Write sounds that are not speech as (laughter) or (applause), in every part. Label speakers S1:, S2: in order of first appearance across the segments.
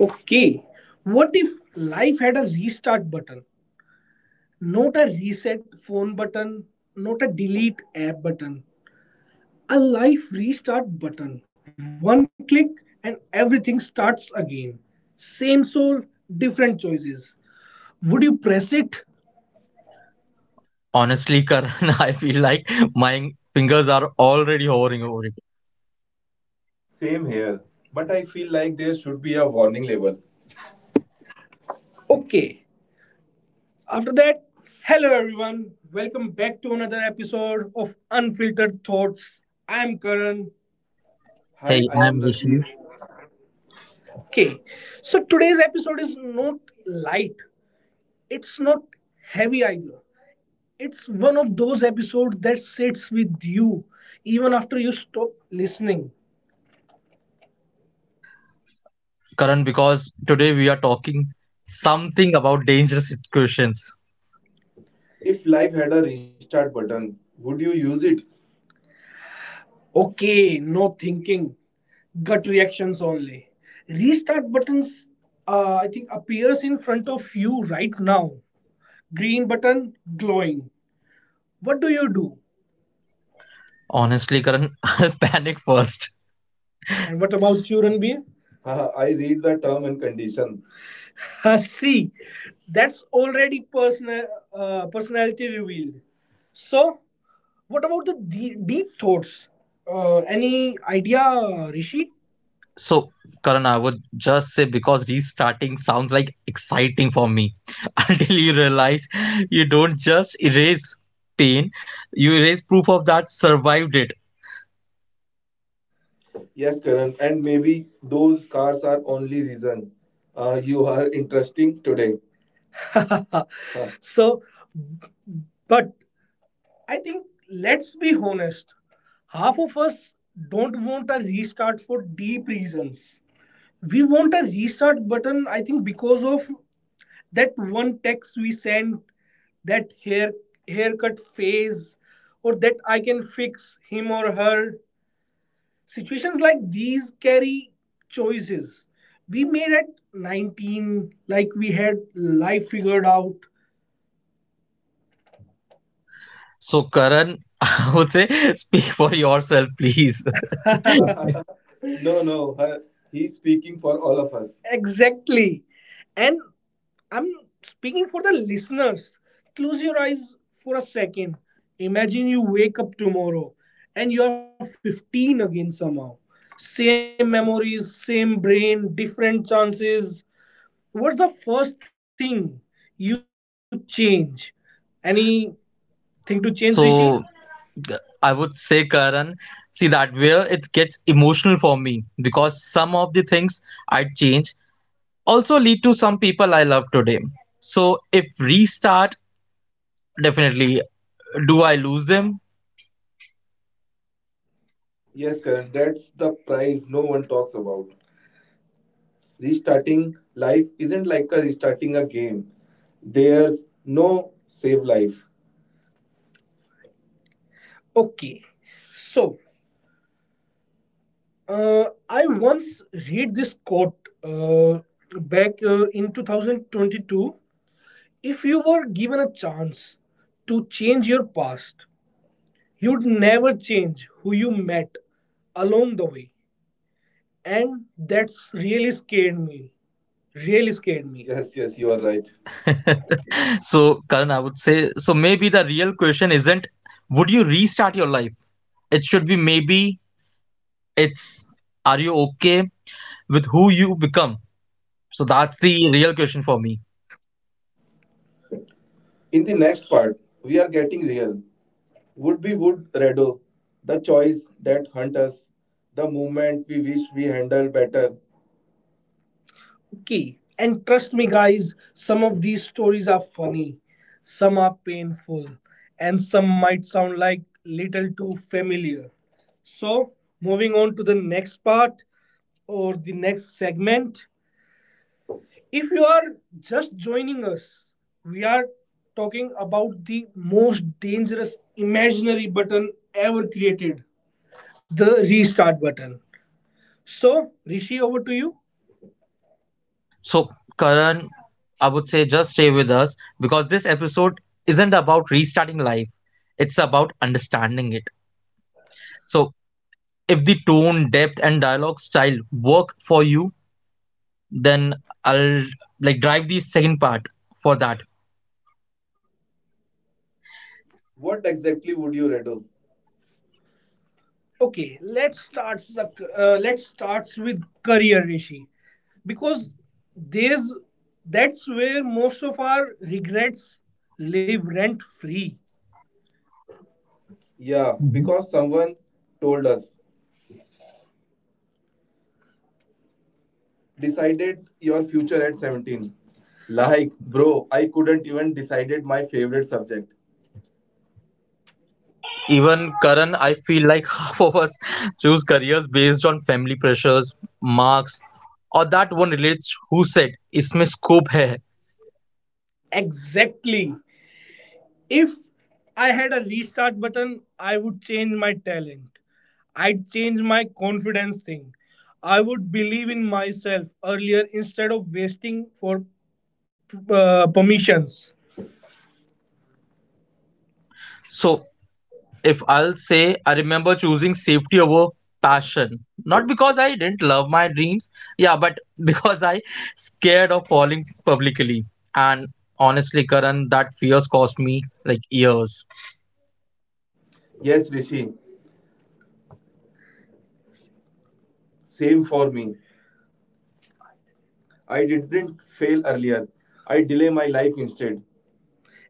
S1: Okay, what if life had a restart button? Not a reset phone button, not a delete app button. A life restart button. One click and everything starts again. Same soul, different choices. Would you press it?
S2: Honestly, Karan, (laughs) I feel like my fingers are already hovering over it.
S1: Same here, but I feel like there should be a warning label. Okay. After that, hello everyone. Welcome back to another episode of Unfiltered Thoughts. I'm Karan.
S2: Hey,
S1: Hi, I
S2: I'm
S1: am
S2: Rishi.
S1: Ranveer. Okay, so today's episode is not light, it's not heavy either. It's one of those episodes that sits with you even after you stop listening.
S2: Karan, because today we are talking something about dangerous situations.
S1: If life had a restart button, would you use it? Okay, no thinking, gut reactions only. Restart buttons, I think, appears in front of you right now. Green button glowing. What do you do?
S2: Honestly, Karan, (laughs) I'll panic first.
S1: And what about children beer? Haha, I read the term and condition. See, that's already personal personality revealed. So, what about the deep thoughts? Any idea, Rishi?
S2: So, Karan, I would just say because restarting sounds like exciting for me (laughs) until you realize you don't just erase pain, you erase proof of that survived it.
S1: Yes, Karan, and maybe those scars are only reason you are interesting today. (laughs) Huh. So, but I think let's be honest. Half of us don't want a restart for deep reasons. We want a restart button, I think, because of that one text we sent, that haircut phase, or that I can fix him or her. Situations like these carry choices. We made at 19, like we had life figured out.
S2: So, Karan, (laughs) I would say (laughs) speak for yourself, please. (laughs)
S1: (laughs) No, no, her, he's speaking for all of us. Exactly. And I'm speaking for the listeners. Close your eyes for a second. Imagine you wake up tomorrow and you are 15 again somehow. Same memories, same brain, different chances. What's the first thing you change? Anything to change, Rishi?
S2: So I would say, Karan, see that where it gets emotional for me because some of the things I change also lead to some people I love today. So if restart, definitely do I lose them?
S1: Yes, Karan, that's the prize no one talks about. Restarting life isn't like a restarting a game. There's no save life. Okay, so I once read this quote uh, back in 2022. If you were given a chance to change your past, you'd never change who you met along the way, and that's really scared me. Really scared me. Yes, yes, you are right.
S2: (laughs) So, Karan, I would say so maybe the real question isn't would you restart your life? It should be maybe it's are you okay with who you become? So that's the real question for me.
S1: In the next part, we are getting real. Would we would redo the choice that hunt us, the moment we wish we handled better. Okay. And trust me, guys, some of these stories are funny, some are painful, and some might sound like little too familiar. So, moving on to the next part or the next segment. If you are just joining us, we are talking about the most dangerous imaginary button ever created, the restart button. So, Rishi, over to you.
S2: So, Karan, I would say just stay with us because this episode isn't about restarting life, it's about understanding it. So, if the tone, depth, and dialogue style work for you, then I'll like drive the second part for that.
S1: What exactly would you rattle? Okay, let's start. Let's start with career, Rishi, because there's that's where most of our regrets live rent free. Yeah,
S2: Mhm.
S1: because someone told us decided your future at 17, like bro I couldn't even decided my favorite subject.
S2: Even Karan, I feel like (laughs) half of us choose careers based on family pressures, marks, or that one relates who said इसमें scope है,
S1: Exactly. If I had a restart button, I would change my talent. I'd change my confidence thing. I would believe in myself earlier instead of wasting for permissions.
S2: so if I'll say I remember choosing safety over passion, not because I didn't love my dreams, yeah, but (laughs) because I scared of falling publicly. And honestly, Karan, that fears cost me like years.
S1: Yes, Rishi, same for me. I didn't fail earlier, I delay my life instead.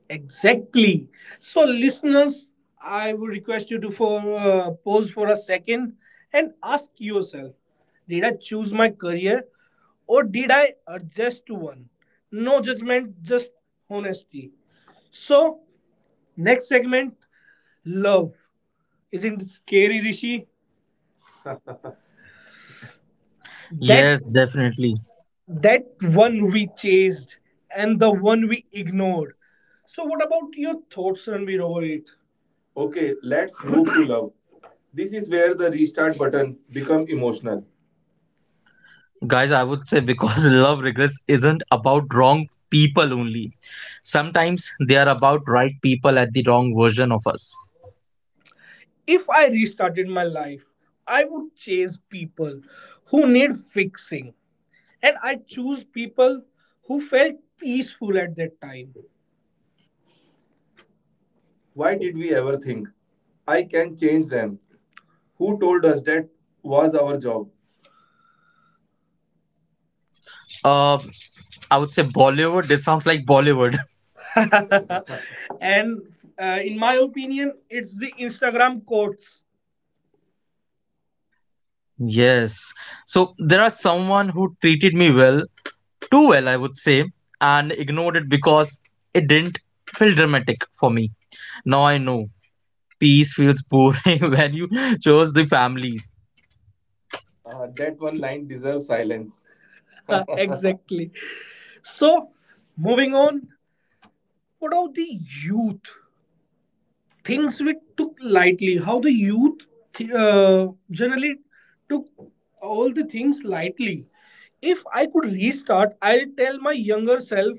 S1: Exactly. So, listeners, I would request you to for pause for a second and ask yourself: did I choose my career, or did I adjust to one? No judgment, just honesty. So, next segment, love. Isn't it scary, Rishi? That
S2: Yes, definitely.
S1: that one we chased and the one we ignored. So, what about your thoughts, Ranveer, over it? Okay, let's move to love. This is where the restart button become emotional.
S2: Guys, I would say because (laughs) love regrets isn't about wrong people only. Sometimes they are about right people at the wrong version of us.
S1: If I restarted my life, I would chase people who need fixing, and I choose people who felt peaceful at that time. Why did we ever think I can change them? Who told us that was our job?
S2: Uh, I would say Bollywood. This sounds like Bollywood. (laughs)
S1: (laughs) And in my opinion, it's the Instagram quotes.
S2: Yes. So there are someone who treated me well, too well, I would say, and ignored it because it didn't feel dramatic for me. Now I know peace feels boring (laughs) when you chose the families.
S1: That one line deserves silence. (laughs) Exactly. So, moving on, what about the youth? Things we took lightly. How the youth generally took all the things lightly. If I could restart, I'll tell my younger self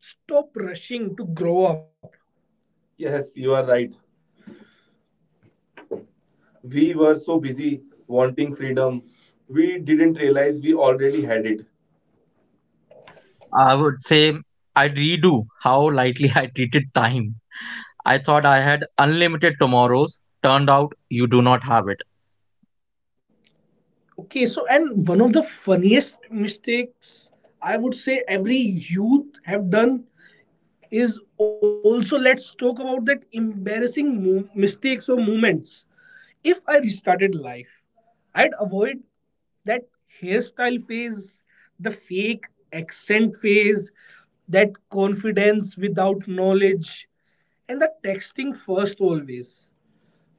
S1: stop rushing to grow up. Yes, you are right. We were so busy wanting freedom, we didn't realize we already had it.
S2: I would say I redo how lightly I treated time. I thought I had unlimited tomorrows. Turned out you do not have it.
S1: Okay, so and one of the funniest mistakes I would say every youth have done is also let's talk about that embarrassing mistakes or moments. If I restarted life, I'd avoid that hairstyle phase, the fake accent phase, that confidence without knowledge, and the texting first always.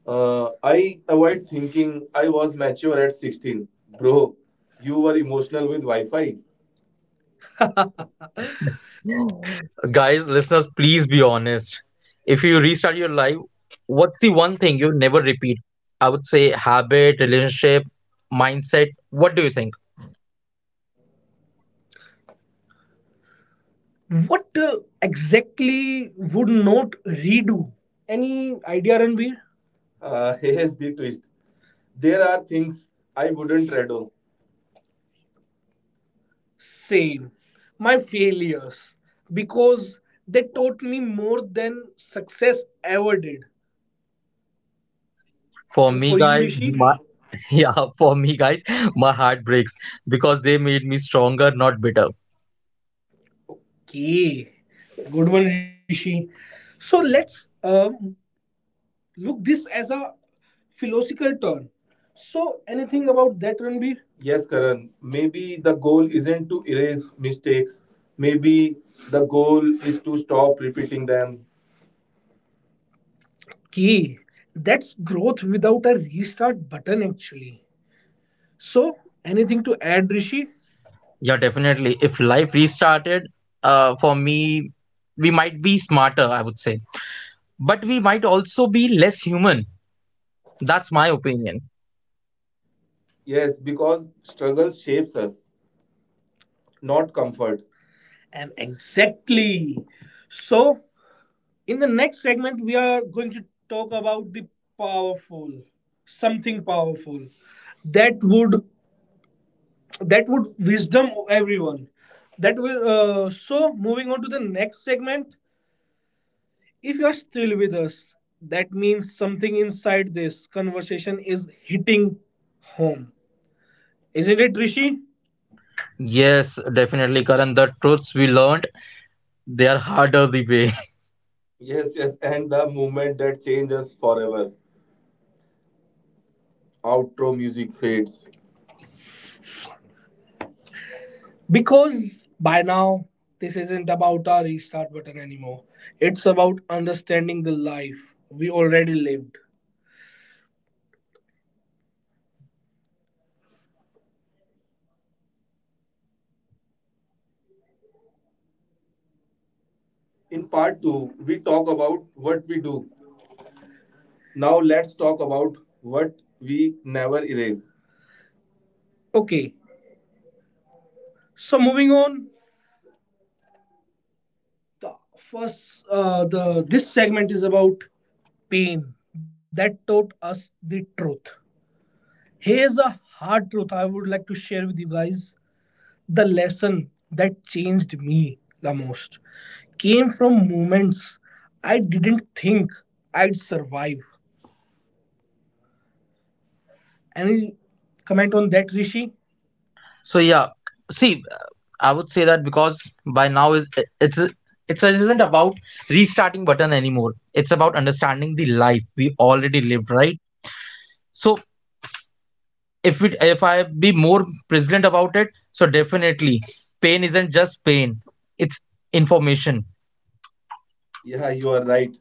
S1: I avoid thinking I was mature at 16. Bro, you were emotional with Wi Fi.
S2: Guys, listeners, please be honest. If you restart your life, what's the one thing you never repeat? I would say habit, relationship, mindset. What do you think?
S1: What exactly would not redo? Any idea, Ranbir? (laughs) Here's the twist. There are things I wouldn't redo. Same. My failures. Because they taught me more than success ever did.
S2: For
S1: And
S2: me,
S1: for you,
S2: guys,
S1: Rishi?
S2: (laughs) yeah, for me, guys, my heart breaks because they made me stronger, not bitter.
S1: Okay. Good one, Rishi. So let's look this as a philosophical turn. So anything about that, Ranbir? Yes, Karan. Maybe the goal isn't to erase mistakes. Maybe the goal is to stop repeating them. Key. That's growth without a restart button actually. So anything to add, Rishi?
S2: Yeah, definitely. If life restarted, for me, we might be smarter, I would say, but we might also be less human. That's my opinion.
S1: Yes, because struggle shapes us, not comfort. And exactly. So in the next segment, we are going to talk about the powerful, something powerful that would wisdom everyone. That will. So moving on to the next segment. If you are still with us, that means something inside this conversation is hitting home, isn't it, Rishi?
S2: Yes, definitely, Karan. The truths we learned, they are harder the way.
S1: Yes, yes, and the moment that changes forever. Outro music fades. Because by now, this isn't about a restart button anymore. It's about understanding the life we already lived. In part 2, we talk about what we do. Now let's talk about what we never erase. Okay, so moving on, the first, the this segment is about pain that taught us the truth. Here's a hard truth I would like to share with you guys. The lesson that changed me the most came from moments I didn't think I'd survive. Any comment on that, Rishi?
S2: (laughs) So yeah, see, I would say that because by now it's it isn't about restarting button anymore, it's about understanding the life we already lived, right? So if I be more present about it, so definitely pain isn't just pain, it's information.
S1: Yeah, you are right.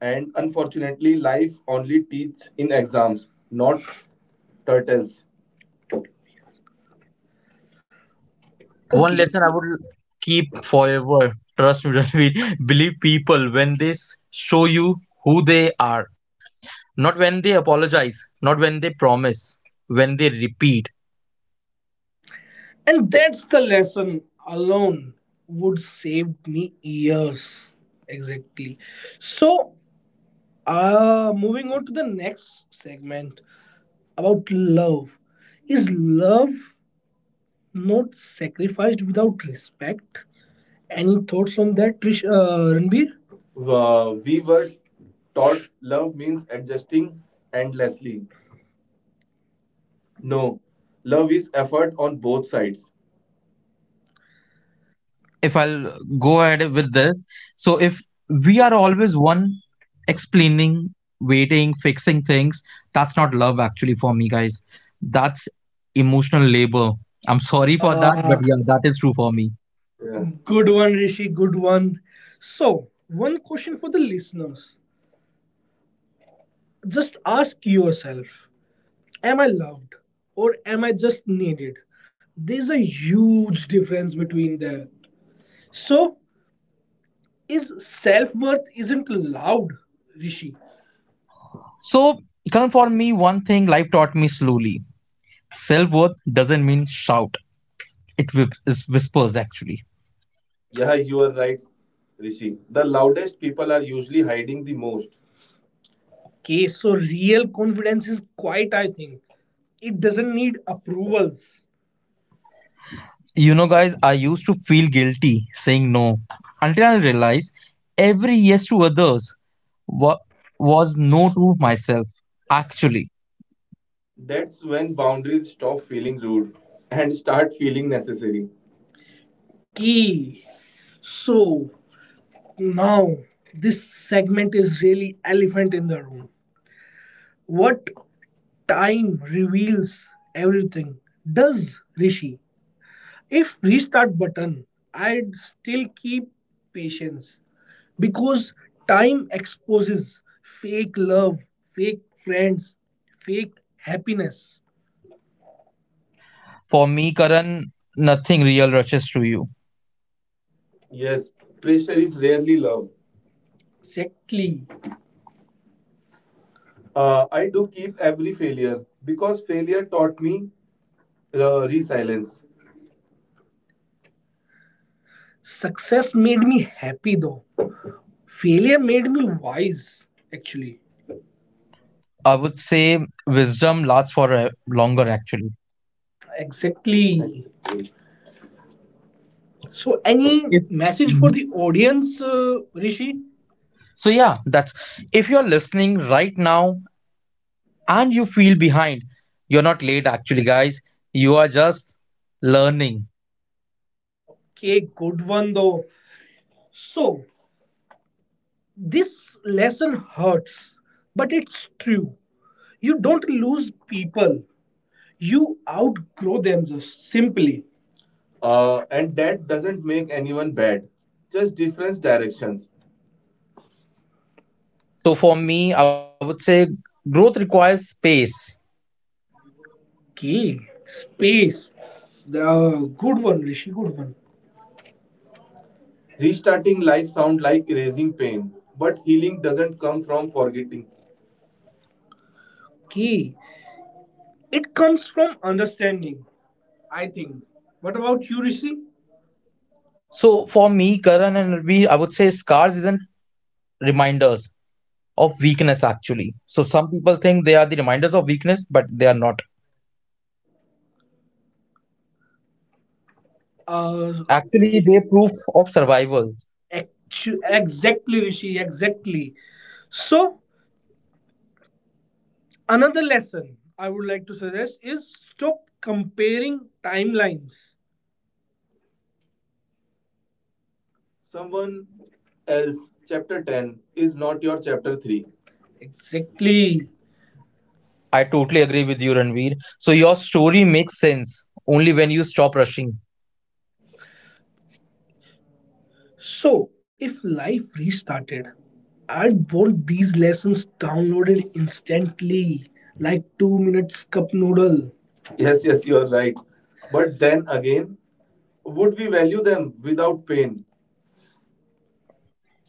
S1: And unfortunately, life only teaches in exams, not turtles.
S2: One
S1: Okay.
S2: lesson I would keep forever, trust me, (laughs) Ranveer: believe people when they show you who they are. Not when they apologize, not when they promise, when they repeat.
S1: And that's the lesson alone would save me years. Exactly. So, moving on to the next segment about love. Is love not sacrificed without respect? Any thoughts on that, Ranbir? We were taught love means adjusting endlessly. No, love is effort on both sides.
S2: If I'll go ahead with this, so if we are always one explaining, waiting, fixing things, that's not love actually for me, guys. That's emotional labor. I'm sorry for that, but
S1: Uh,
S2: yeah, that is true for me.
S1: Yeah. Good one, Rishi. Good one. So, one question for the listeners. Just ask yourself, am I loved or am I just needed? There's a huge difference between that. So, is self worth isn't loud, Rishi?
S2: So, Karan, for me, one thing life taught me slowly, self worth doesn't mean shout, it is whispers actually.
S1: Yeah, you are right, Rishi. The loudest people are usually hiding the most. Okay, so real confidence is quite, I think. It doesn't need approvals.
S2: You know, guys, I used to feel guilty saying no until I realized every yes to others wa- was no to myself. Actually,
S1: That's when boundaries stop feeling rude and start feeling necessary. Okay, so now, this segment is really elephant in the room. What time reveals everything does Rishi. If restart button, I'd still keep patience because time exposes fake love, fake friends, fake happiness.
S2: for me, Karan, nothing real rushes to you.
S1: Yes, pressure is rarely love. Exactly. I do keep every failure because failure taught me resilience. Success made me happy though. Failure made me wise, actually.
S2: I would say wisdom lasts for a longer, actually.
S1: Exactly.
S2: So,
S1: So, any
S2: if
S1: message for the audience, Rishi?
S2: so, yeah, that's, if you're listening right now and you feel behind, you're not late, actually, guys. You are just learning.
S1: Okay, good one though. So, this lesson hurts, but it's true. You don't lose people, you outgrow them just simply. And that doesn't make anyone bad, just different directions.
S2: So for me, I would say growth requires space.
S1: Okay, space. The good one, Rishi, good one. Restarting life sounds like erasing pain, but healing doesn't come from forgetting. Okay, it comes from understanding, I think. What about you, Rishi?
S2: So for me, Karan and Ravi, I would say scars isn't reminders of weakness actually. So some people think they are the reminders of weakness, but they are not.
S1: Uh,
S2: Actually, they proof of survival.
S1: exactly, Rishi, exactly. So, another lesson I would like to suggest is stop comparing timelines. Someone else, chapter 10, is not your chapter 3. Exactly.
S2: I totally agree with you, Ranveer. So your story makes sense only when you stop rushing.
S1: So, if life restarted, I'd want these lessons downloaded instantly, like 2 minutes cup noodle. Yes, yes, you are right. But then again, would we value them without pain?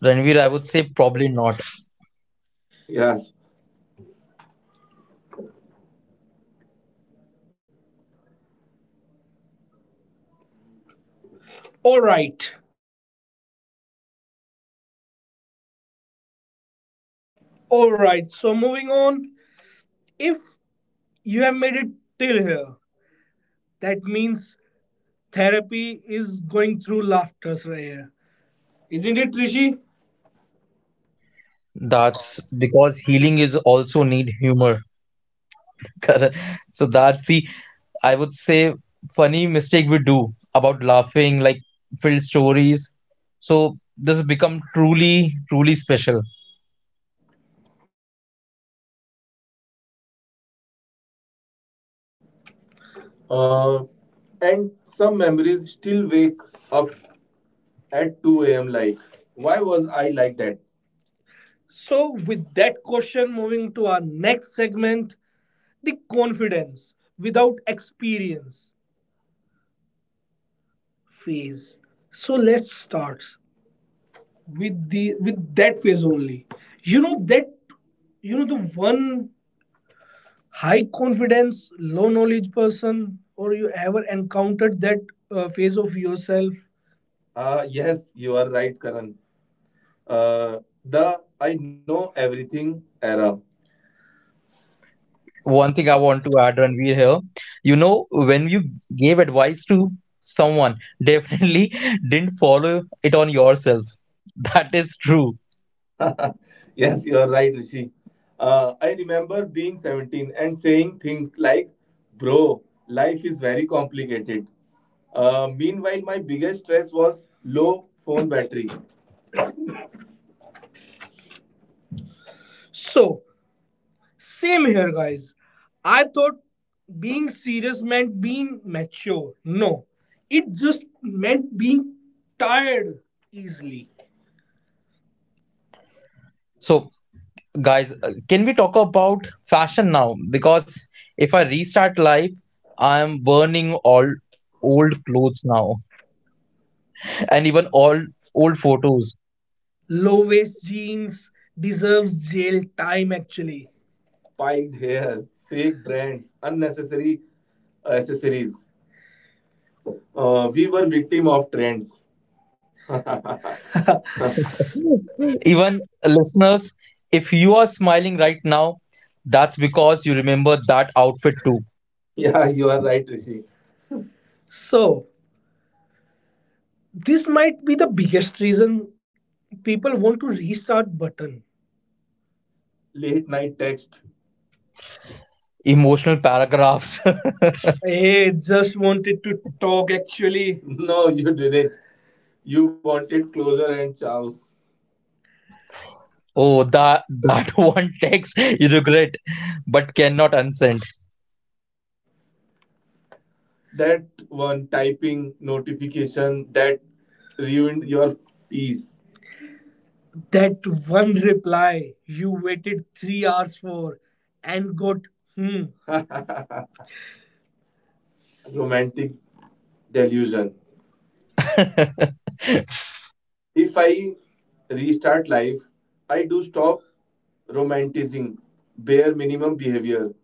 S2: Ranveer, I would say probably not.
S1: Yes. All right, all right, so moving on. If you have made it till here, that means therapy is going through laughters right here. Isn't it, Rishi?
S2: That's because healing is also need humor. Correct. So that's the, I would say, funny mistake we do about laughing, like filled stories. So this has become truly, truly special.
S1: Uh, and some memories still wake up at 2 a.m. like, why was I like that? So, with that question, moving to our next segment, the confidence without experience phase. So, let's start with the with that phase only. You know that you know the one high confidence, low knowledge person, or you ever encountered that phase of yourself? Yes, you are right, Karan. Uh, the I know everything era.
S2: One thing I want to add, when we're here, when you gave advice to someone, (laughs) definitely didn't follow it on yourself. (laughs) That is true.
S1: Yes, you are right, Rishi. I remember being 17 and saying things like, bro, life is very complicated. Meanwhile, my biggest stress was low phone battery. So, same here, guys. I thought being serious meant being mature. No, it just meant being tired easily.
S2: So, guys, can we talk about fashion now? Because if I restart life, I am burning all old clothes now. And even all old photos.
S1: Low waist jeans deserves jail time actually. Spiked hair, fake brands, unnecessary accessories. We were victim of trends. (laughs)
S2: (laughs) Even listeners, if you are smiling right now, that's because you remember that outfit too.
S1: Yeah, you are right, Rishi. So, this might be the biggest reason people want to restart button. Late night text.
S2: Emotional paragraphs.
S1: Hey, just wanted to talk actually. (laughs) No, you didn't. You wanted closure and chows.
S2: (laughs) Oh, that (laughs) one text you regret but cannot unsend.
S1: That one typing notification that ruined your peace. That one reply you waited 3 hours for and got, hmm. Romantic delusion.
S2: (laughs)
S1: If I restart life, I do stop romanticizing bare minimum behavior.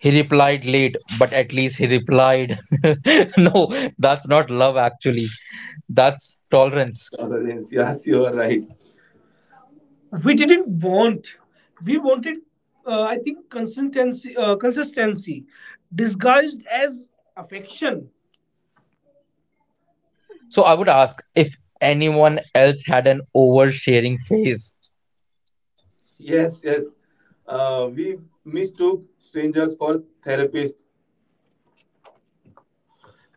S2: He replied late, but at least he replied. (laughs) No, that's not love actually. That's tolerance.
S1: Tolerance. Yes, yes, you are right. we didn't want we wanted I think consistency, consistency disguised as affection.
S2: So I would ask if anyone else had an oversharing phase.
S1: Yes, yes. We mistook strangers for therapists.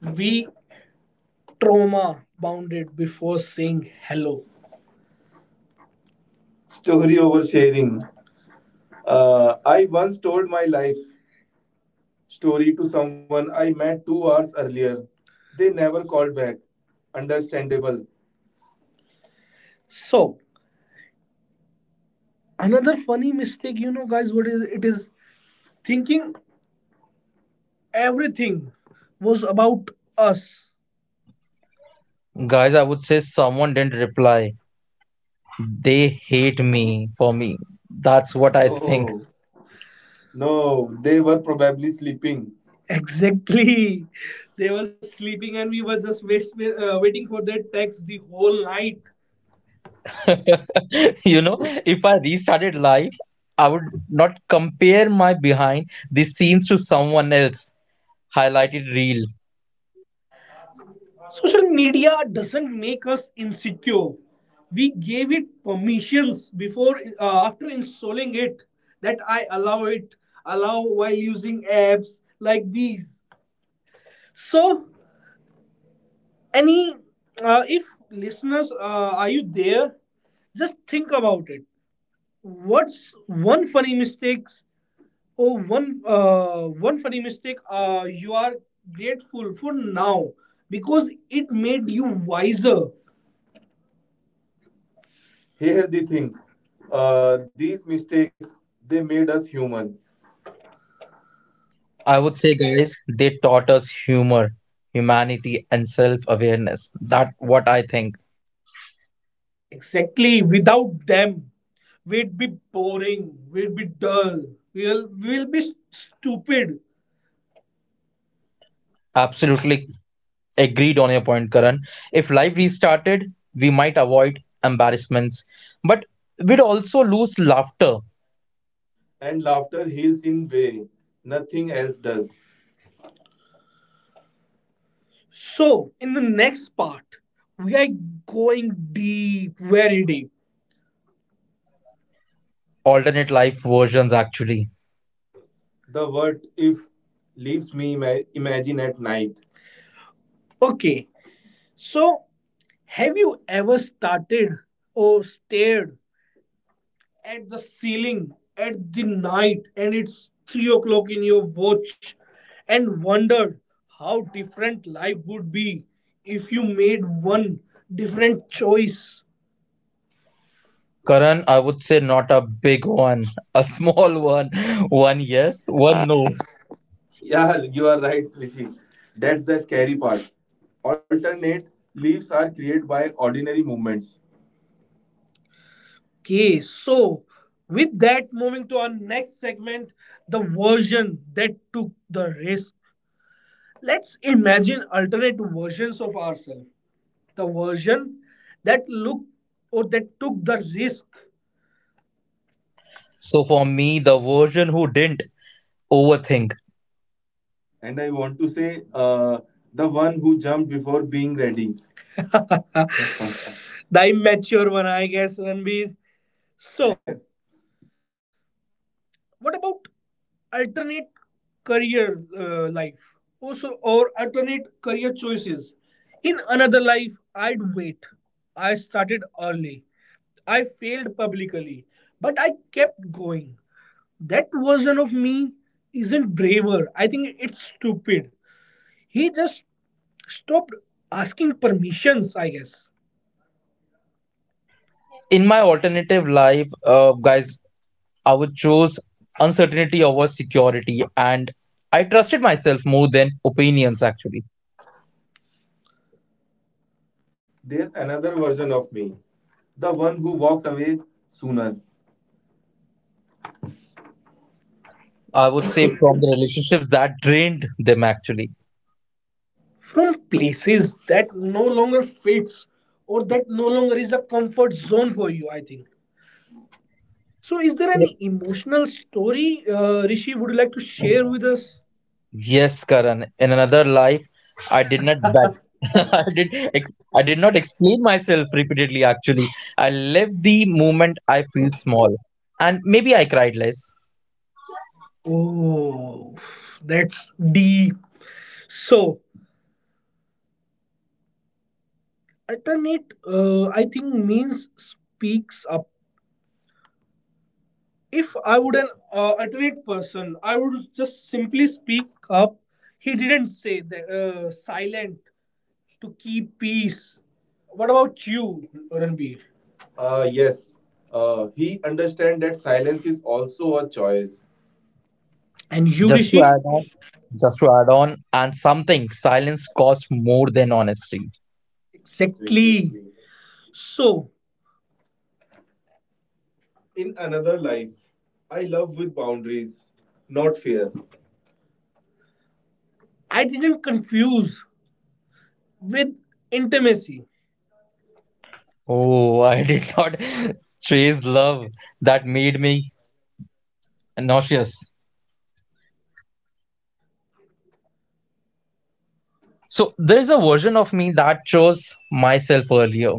S1: We trauma bounded before saying hello. Story oversharing. I once told my life story to someone I met 2 hours earlier. They never called back. Understandable. So another funny mistake, guys, what is it is thinking everything was about us.
S2: Guys, I would say someone didn't reply. They hate me for me. That's what I think.
S1: No, no, they were probably sleeping. Exactly, they were sleeping and we were just waiting for their text the whole night.
S2: (laughs) You know, if I restarted life, I would not compare my behind the scenes to someone else highlighted reel.
S1: Social media doesn't make us insecure. We gave it permissions before, after installing it, that I allow it, allow while using apps like these. So any, if listeners, are you there? Just think about it. What's one funny mistakes or one one funny mistake you are grateful for now because it made you wiser. Here the thing, these mistakes, they made us human.
S2: I would say, guys, they taught us humor, humanity, and self-awareness. That what I think.
S1: Exactly. Without them, we'd be boring. We'd be dull. We'll be stupid.
S2: Absolutely agreed on your point, Karan. If life restarted, we might avoid embarrassments, but we'd also lose laughter.
S1: And laughter heals in way nothing else does. So, in the next part, we are going deep, very deep.
S2: Alternate life versions, actually.
S1: The word if leaves me imagine at night. Okay, so have you ever started or stared at the ceiling at the night and it's 3 o'clock in your watch and wondered how different life would be if you made one different choice?
S2: Karan, I would say not a big one, a small (laughs) one. One yes, one no.
S1: Yeah, you are right, Rishi. That's the scary part. Alternate leaves are created by ordinary movements. Okay, so with that moving to our next segment, the version that took the risk. Let's imagine alternate versions of ourselves. The version that look or that took the risk.
S2: So for me, the version who didn't overthink.
S1: And I want to say, the one who jumped before being ready. (laughs) The immature one, I guess, Ranbir. So, yes. What about alternate career life? Also, or alternate career choices. In another life, I'd wait. I started early. I failed publicly, but I kept going. That version of me isn't braver. I think it's stupid. He just stopped asking permissions, I guess.
S2: In my alternative life, guys, I would choose uncertainty over security, and I trusted myself more than opinions, actually.
S1: There's another version of me, the one who walked away sooner,
S2: I would say from the relationships that drained them actually.
S1: from places that no longer fits or that no longer is a comfort zone for you. I think so. Is there
S2: Yep.
S1: any emotional story, Rishi, would you like to share with us?
S2: Yes, Karan. In another life, I did not beg. (laughs) I did. I did not explain myself repeatedly. Actually, I lived the moment I feel small, and maybe I cried less.
S1: Oh, that's deep. So alternate, I think, means speaks up. If I would an alternate person, I would just simply speak up. He didn't say the silent to keep peace. What about you, Ranbir? Yes, he understands that silence is also a choice. And you,
S2: Just to
S1: Rishi?
S2: add on, just to add on, and something silence cost more than honesty.
S1: Exactly. Exactly. So, in another life, I love with boundaries, not fear. I didn't confuse with intimacy.
S2: Oh, (laughs) I did not (laughs) chase love that made me nauseous. So there is a version of me that chose myself earlier.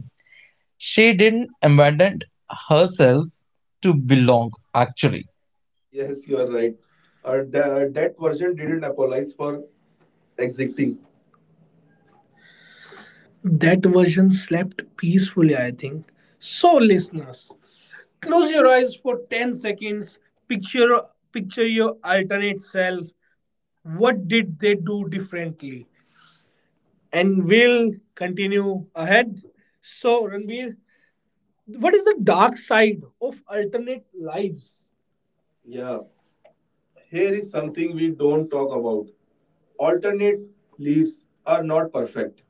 S2: She didn't abandon herself to belong, actually.
S1: Yes, you are right. That version didn't apologize for exiting. That version slept peacefully, I think. So, listeners, close your eyes for 10 seconds. Picture, picture your alternate self. What did they do differently? And we'll continue ahead. So, Ranbir, what is the dark side of alternate lives? Yeah. Here is something we don't talk about: alternate leaves are not perfect.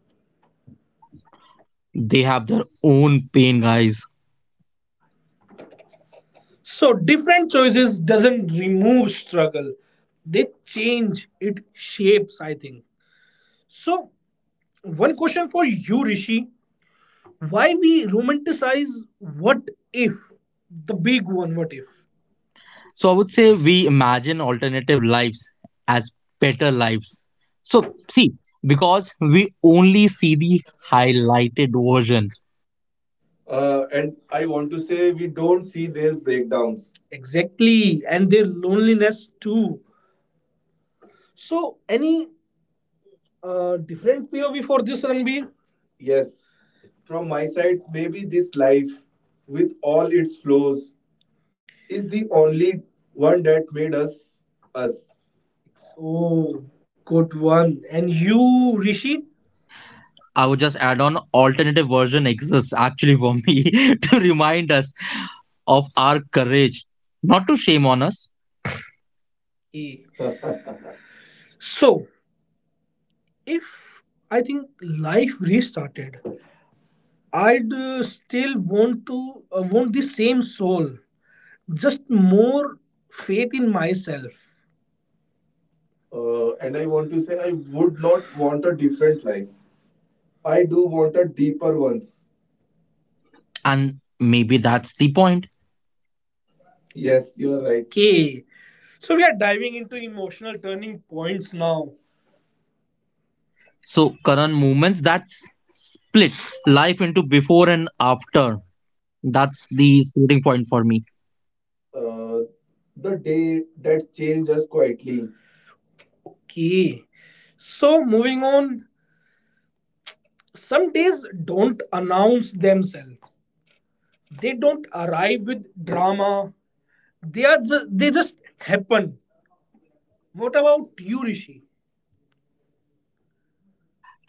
S2: They have their own pain, guys.
S1: So different choices doesn't remove struggle. They change it shapes, I think. So one question for you, Rishi. Why we romanticize what if? The big one, what if?
S2: So I would say we imagine alternative lives as better lives. So see, because we only see the highlighted version.
S1: And I want to say we don't see their breakdowns. Exactly. And their loneliness too. So any different POV for this, Ranbir. Yes, from my side, maybe this life, with all its flaws, is the only one that made us us. Oh, good one. And you, Rishi?
S2: I would just add on, alternative version exists actually for me (laughs) to remind us of our courage, not to shame on us.
S1: Eh. So, if I think life restarted, I'd still want to want the same soul, just more faith in myself. And I want to say, I would not want a different life. I do want a deeper ones.
S2: And maybe that's the point.
S1: Yes, you're right. Okay. So we are diving into emotional turning points now.
S2: So current movements that's split life into before and after, that's the starting point for me,
S1: Uh, the day that changed us quietly. Okay. So moving on, some days don't announce themselves. They don't arrive with drama. They just happen. What about you, Rishi?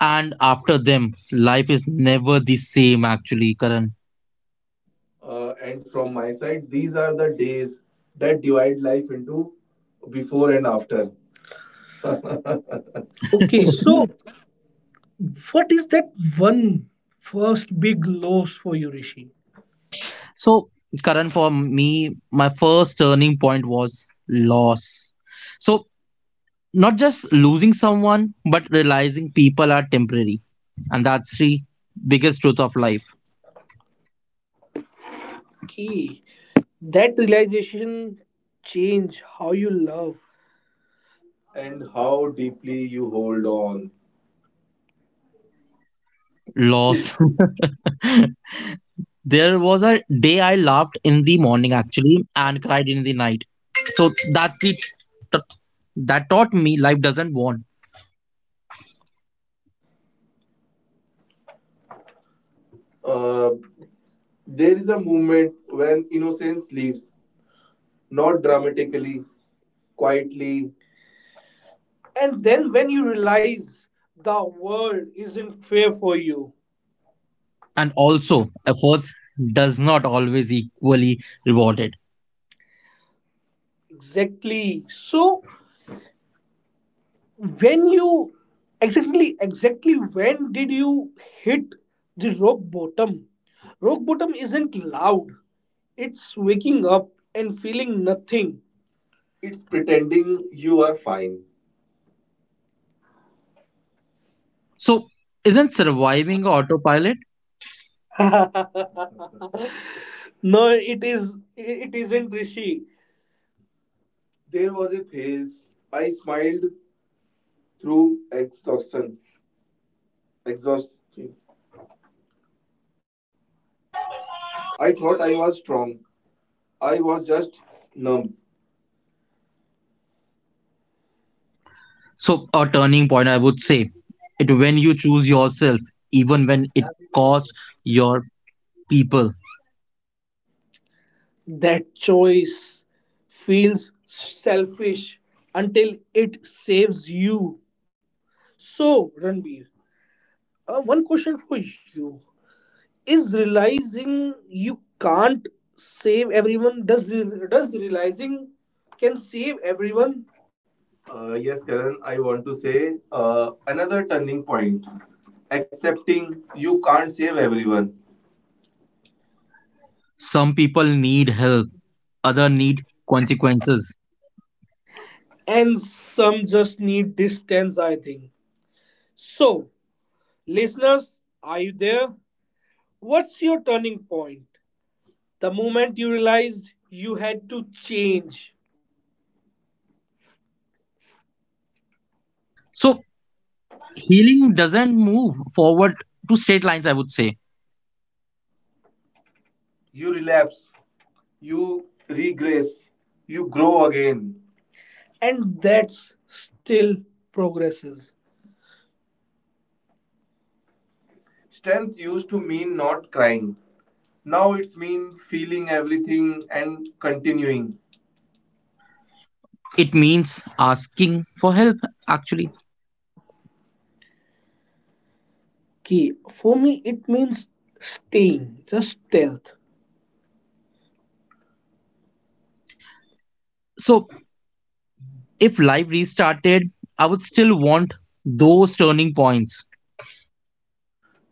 S2: and after them life is never the same, actually, Karan.
S1: And from my side, these are the days that divide life into before and after. Okay,
S2: (laughs)
S1: so what is that one first big loss for you, Rishi?
S2: So, Karan, for me, my first turning point was loss. So not just losing someone, but realizing people are temporary, and that's the biggest truth of life.
S1: Okay, that realization change how you love. And how deeply you hold on. Okay,
S2: Loss. (laughs) There was a day I laughed in the morning actually and cried in the night. So that's t- that taught me life doesn't want
S1: Uh, there is a moment when innocence leaves, not dramatically, quietly, and then when you realize the world isn't fair for you.
S2: and also efforts does not always equally rewarded.
S1: Exactly. So when you, exactly, exactly when did you hit the rock bottom? Rock bottom isn't loud. It's waking up and feeling nothing. It's pretending you are fine.
S2: So isn't surviving autopilot?
S1: (laughs) No, it isn't, Rishi. There was a phase I smiled through exhaustion. Exhausted. I thought I was strong. I was just numb.
S2: So a turning point, I would say, it when you choose yourself even when it costs your people.
S1: That choice feels selfish until it saves you. So, Ranbir, one question for you is realizing you can't save everyone. Does realizing can save everyone? Yes, Karan, I want to say another turning point accepting you can't save everyone.
S2: Some people need help, other need consequences.
S1: And some just need distance, I think. So, listeners, are you there? What's your turning point? The moment you realized you had to change.
S2: So healing doesn't move forward to straight lines, I would say.
S1: You relapse, you regress, you grow again. And that's still progresses. Strength used to mean not crying. Now it's mean feeling everything and continuing.
S2: It means asking for help, actually.
S1: Okay, for me, it means staying, just stealth,
S2: So, if life restarted, I would still want those turning points.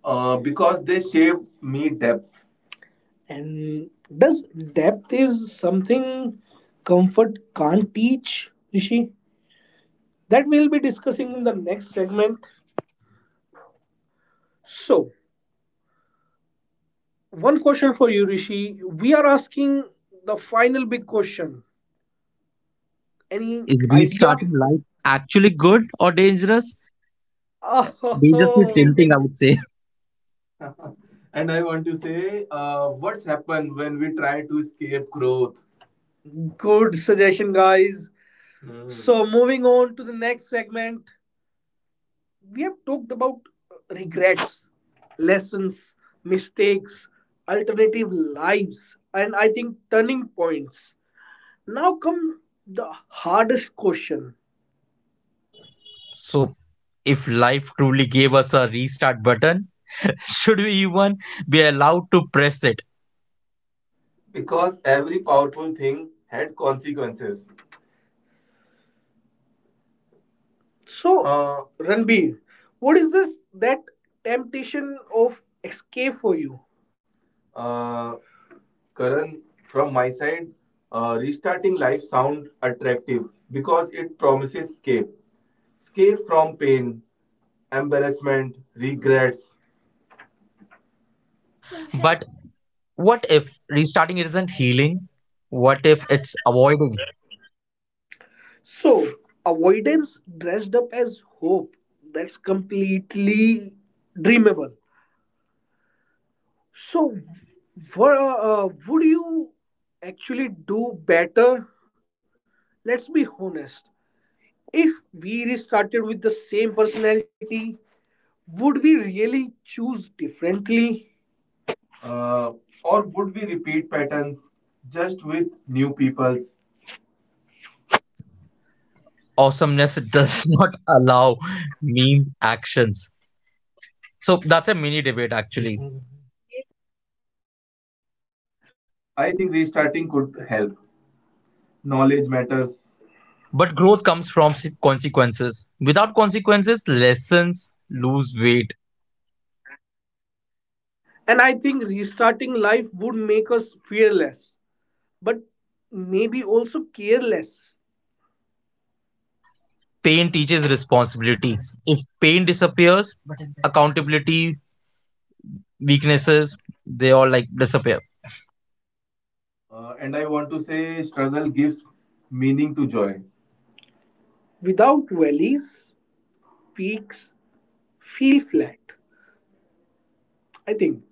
S1: because they shaped me depth. And does depth is something comfort can't teach, Rishi? That we'll be discussing in the next segment. So, one question for you, Rishi. We are asking the final big question. Any
S2: Is
S1: idea?
S2: restarting life actually good or dangerous? Dangerously
S1: Oh,
S2: tempting, I would say. (laughs)
S1: (laughs) and I want to say, what's happened when we try to escape growth? Good suggestion, guys. Hmm. So moving on to the next segment, we have talked about regrets, lessons, mistakes, alternative lives, and I think turning points. Now come the hardest question.
S2: So, if life truly gave us a restart button, (laughs) should we even be allowed to press it?
S1: Because every powerful thing had consequences. So Ranbir, what is this that temptation of escape for you? uh, Karan, from my side, restarting life sound attractive because it promises escape. Escape from pain, embarrassment, regrets.
S2: But what if restarting isn't healing? What if it's avoiding?
S1: So, avoidance dressed up as hope, that's completely dreamable. So, would you actually do better? Let's be honest. If we restarted with the same personality, would we really choose differently? Uh, or would we repeat patterns just with new peoples?
S2: Awesomeness does (laughs) not allow mean actions. So that's a mini debate actually.
S1: I think restarting could help. Knowledge matters.
S2: But growth comes from consequences. Without consequences, lessons lose weight.
S1: And I think restarting life would make us fearless, but maybe also careless.
S2: Pain teaches responsibility. If pain disappears, accountability, weaknesses, they all like disappear.
S1: And I want to say, struggle gives meaning to joy. Without valleys, peaks feel flat. I think.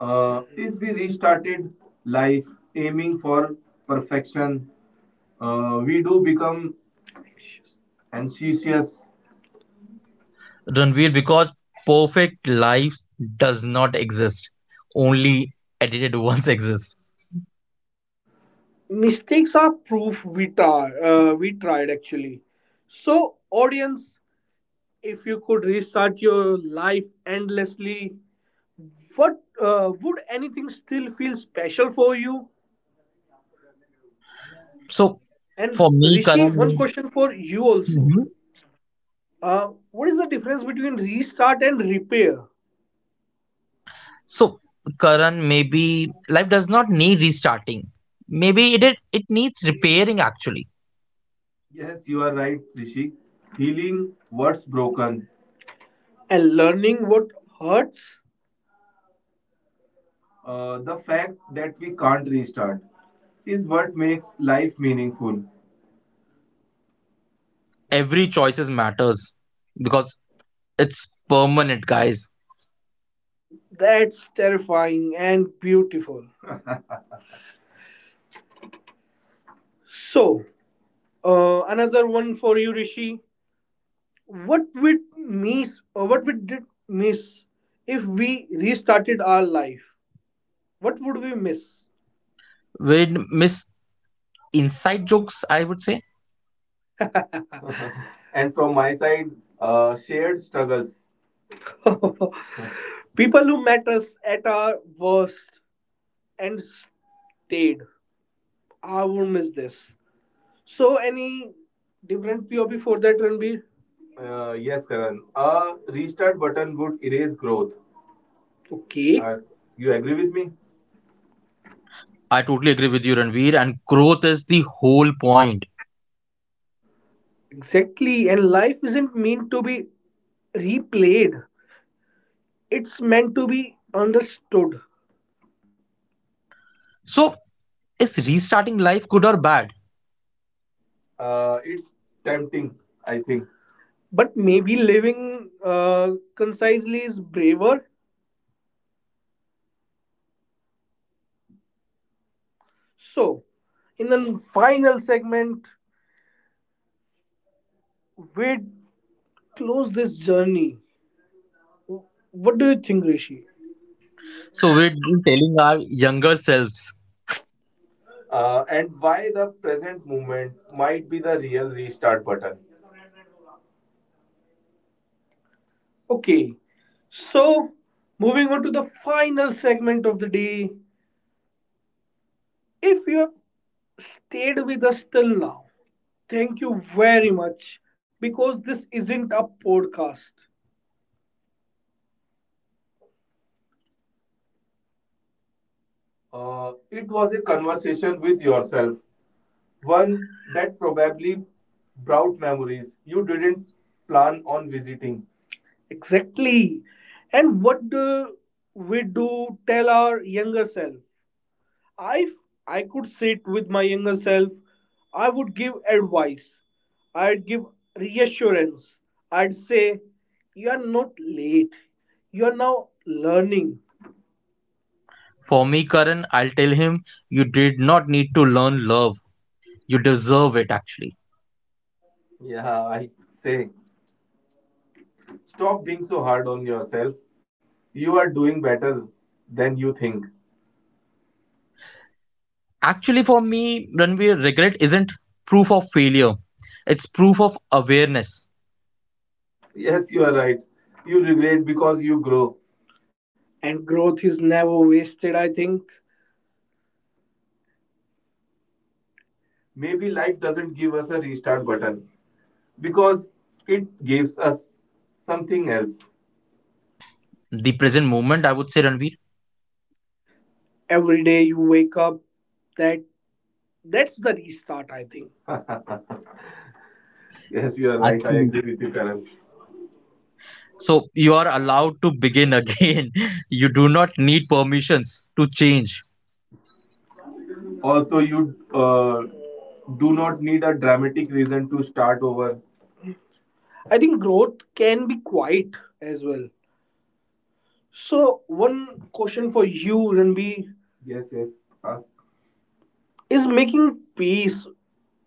S1: If we restarted life aiming for perfection, we do become anxious.
S2: Ranveer, because perfect lives does not exist. Only edited (laughs) ones exist.
S1: Mistakes are proof we try, we tried actually. So audience, if you could restart your life endlessly, what would anything still feel special for you?
S2: So for
S1: And
S2: me,
S1: Rishi, one
S2: Karan,
S1: question for you also, what is the difference between restart and repair?
S2: So, Karan, maybe life does not need restarting. Maybe it needs repairing actually.
S1: Yes, you are right, Rishi. Healing what's broken and learning what hurts. The fact that we can't restart is what makes life meaningful.
S2: Every choices matters because it's permanent, guys.
S1: That's terrifying and beautiful. So, another one for you, Rishi. What would miss, or what would did miss if we restarted our life? What would we miss?
S2: We'd miss inside jokes, I would say.
S1: (laughs) And from my side, shared struggles. (laughs) People who met us at our worst and stayed. I would miss this. So any different POP for that, Ranbir? Yes, Karan. A restart button would erase growth. Okay. You agree with me?
S2: I totally agree with you, Ranveer, and growth is the whole point.
S1: Exactly. And life isn't meant to be replayed. It's meant to be understood.
S2: So, is restarting life good or bad?
S1: It's tempting, I think. But maybe living concisely is braver. So, in the final segment, we close this journey. What do you think, Rishi?
S2: So, we'd be telling our younger selves.
S1: And why the present movement might be the real restart button. Okay, so moving on to the final segment of the day. If you have stayed with us till now, thank you very much because this isn't a podcast. It was a conversation with yourself, one that probably brought memories you didn't plan on visiting. Exactly. And what do we do tell our younger self? I, I, could sit with my younger self, I would give advice, I'd give reassurance, I'd say, you are not late, you are now learning.
S2: For me, Karan, I'll tell him, you did not need to learn love. You deserve it, actually.
S1: Yeah, I say, stop being so hard on yourself. You are doing better than you think.
S2: Actually, for me, Ranveer, regret isn't proof of failure. It's proof of awareness.
S1: Yes, you are right. You regret because you grow. And growth is never wasted, I think. Maybe life doesn't give us a restart button because it gives us something else.
S2: The present moment, I would say, Ranveer.
S1: Every day you wake up, that that's the restart, I think. Yes, you are right. I
S2: Actually.
S1: agree with you, Karan.
S2: So you are allowed to begin again. (laughs) You do not need permissions to change.
S1: Also, you uh, do not need a dramatic reason to start over. I think growth can be quiet as well. So one question for you, Ranbir. Yes, yes. Ask. Is making peace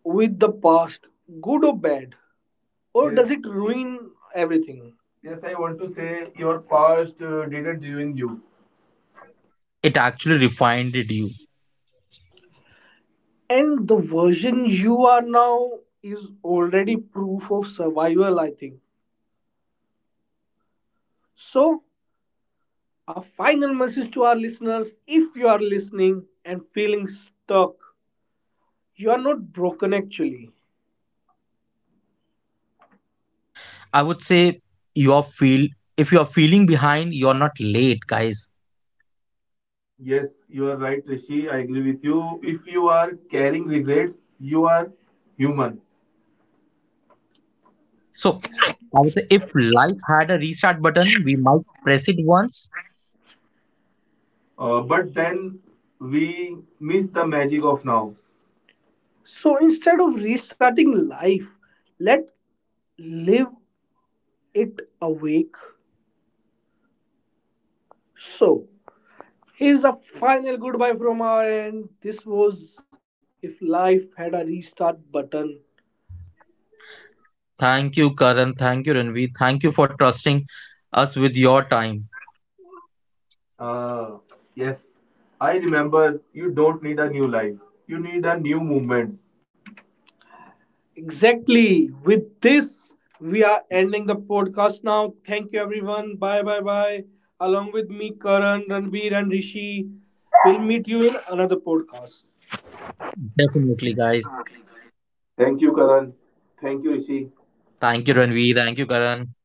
S1: with the past good or bad? Or yes, does, yes, it ruin everything? Yes, I want to say your past didn't ruin you.
S2: It actually refined you.
S1: And the version you are now is already proof of survival, I think. So, a final message to our listeners: if you are listening and feeling stuck, you are not broken actually.
S2: I would say, you are feel if you are feeling behind, you are not late, guys.
S1: Yes, you are right, Rishi. I agree with you. If you are carrying regrets, you are human.
S2: So I would say if life had a restart button, we might press it once.
S1: But then we miss the magic of now. So instead of restarting life, let live it awake. So here's a final goodbye from our end. This was if life had a restart button.
S2: Thank you, Karan. Thank you, Ranveer. Thank you for trusting us with your time.
S1: Uh, yes, I remember you don't need a new life, you need a new movement. Exactly. With this, we are ending the podcast now. Thank you, everyone. Bye, bye, bye. Along with me, Karan, Ranbir, and Rishi. We'll meet you in another podcast.
S2: Definitely, guys.
S1: Thank you, Karan. Thank you, Rishi.
S2: Thank you, Ranveer. Thank you, Karan.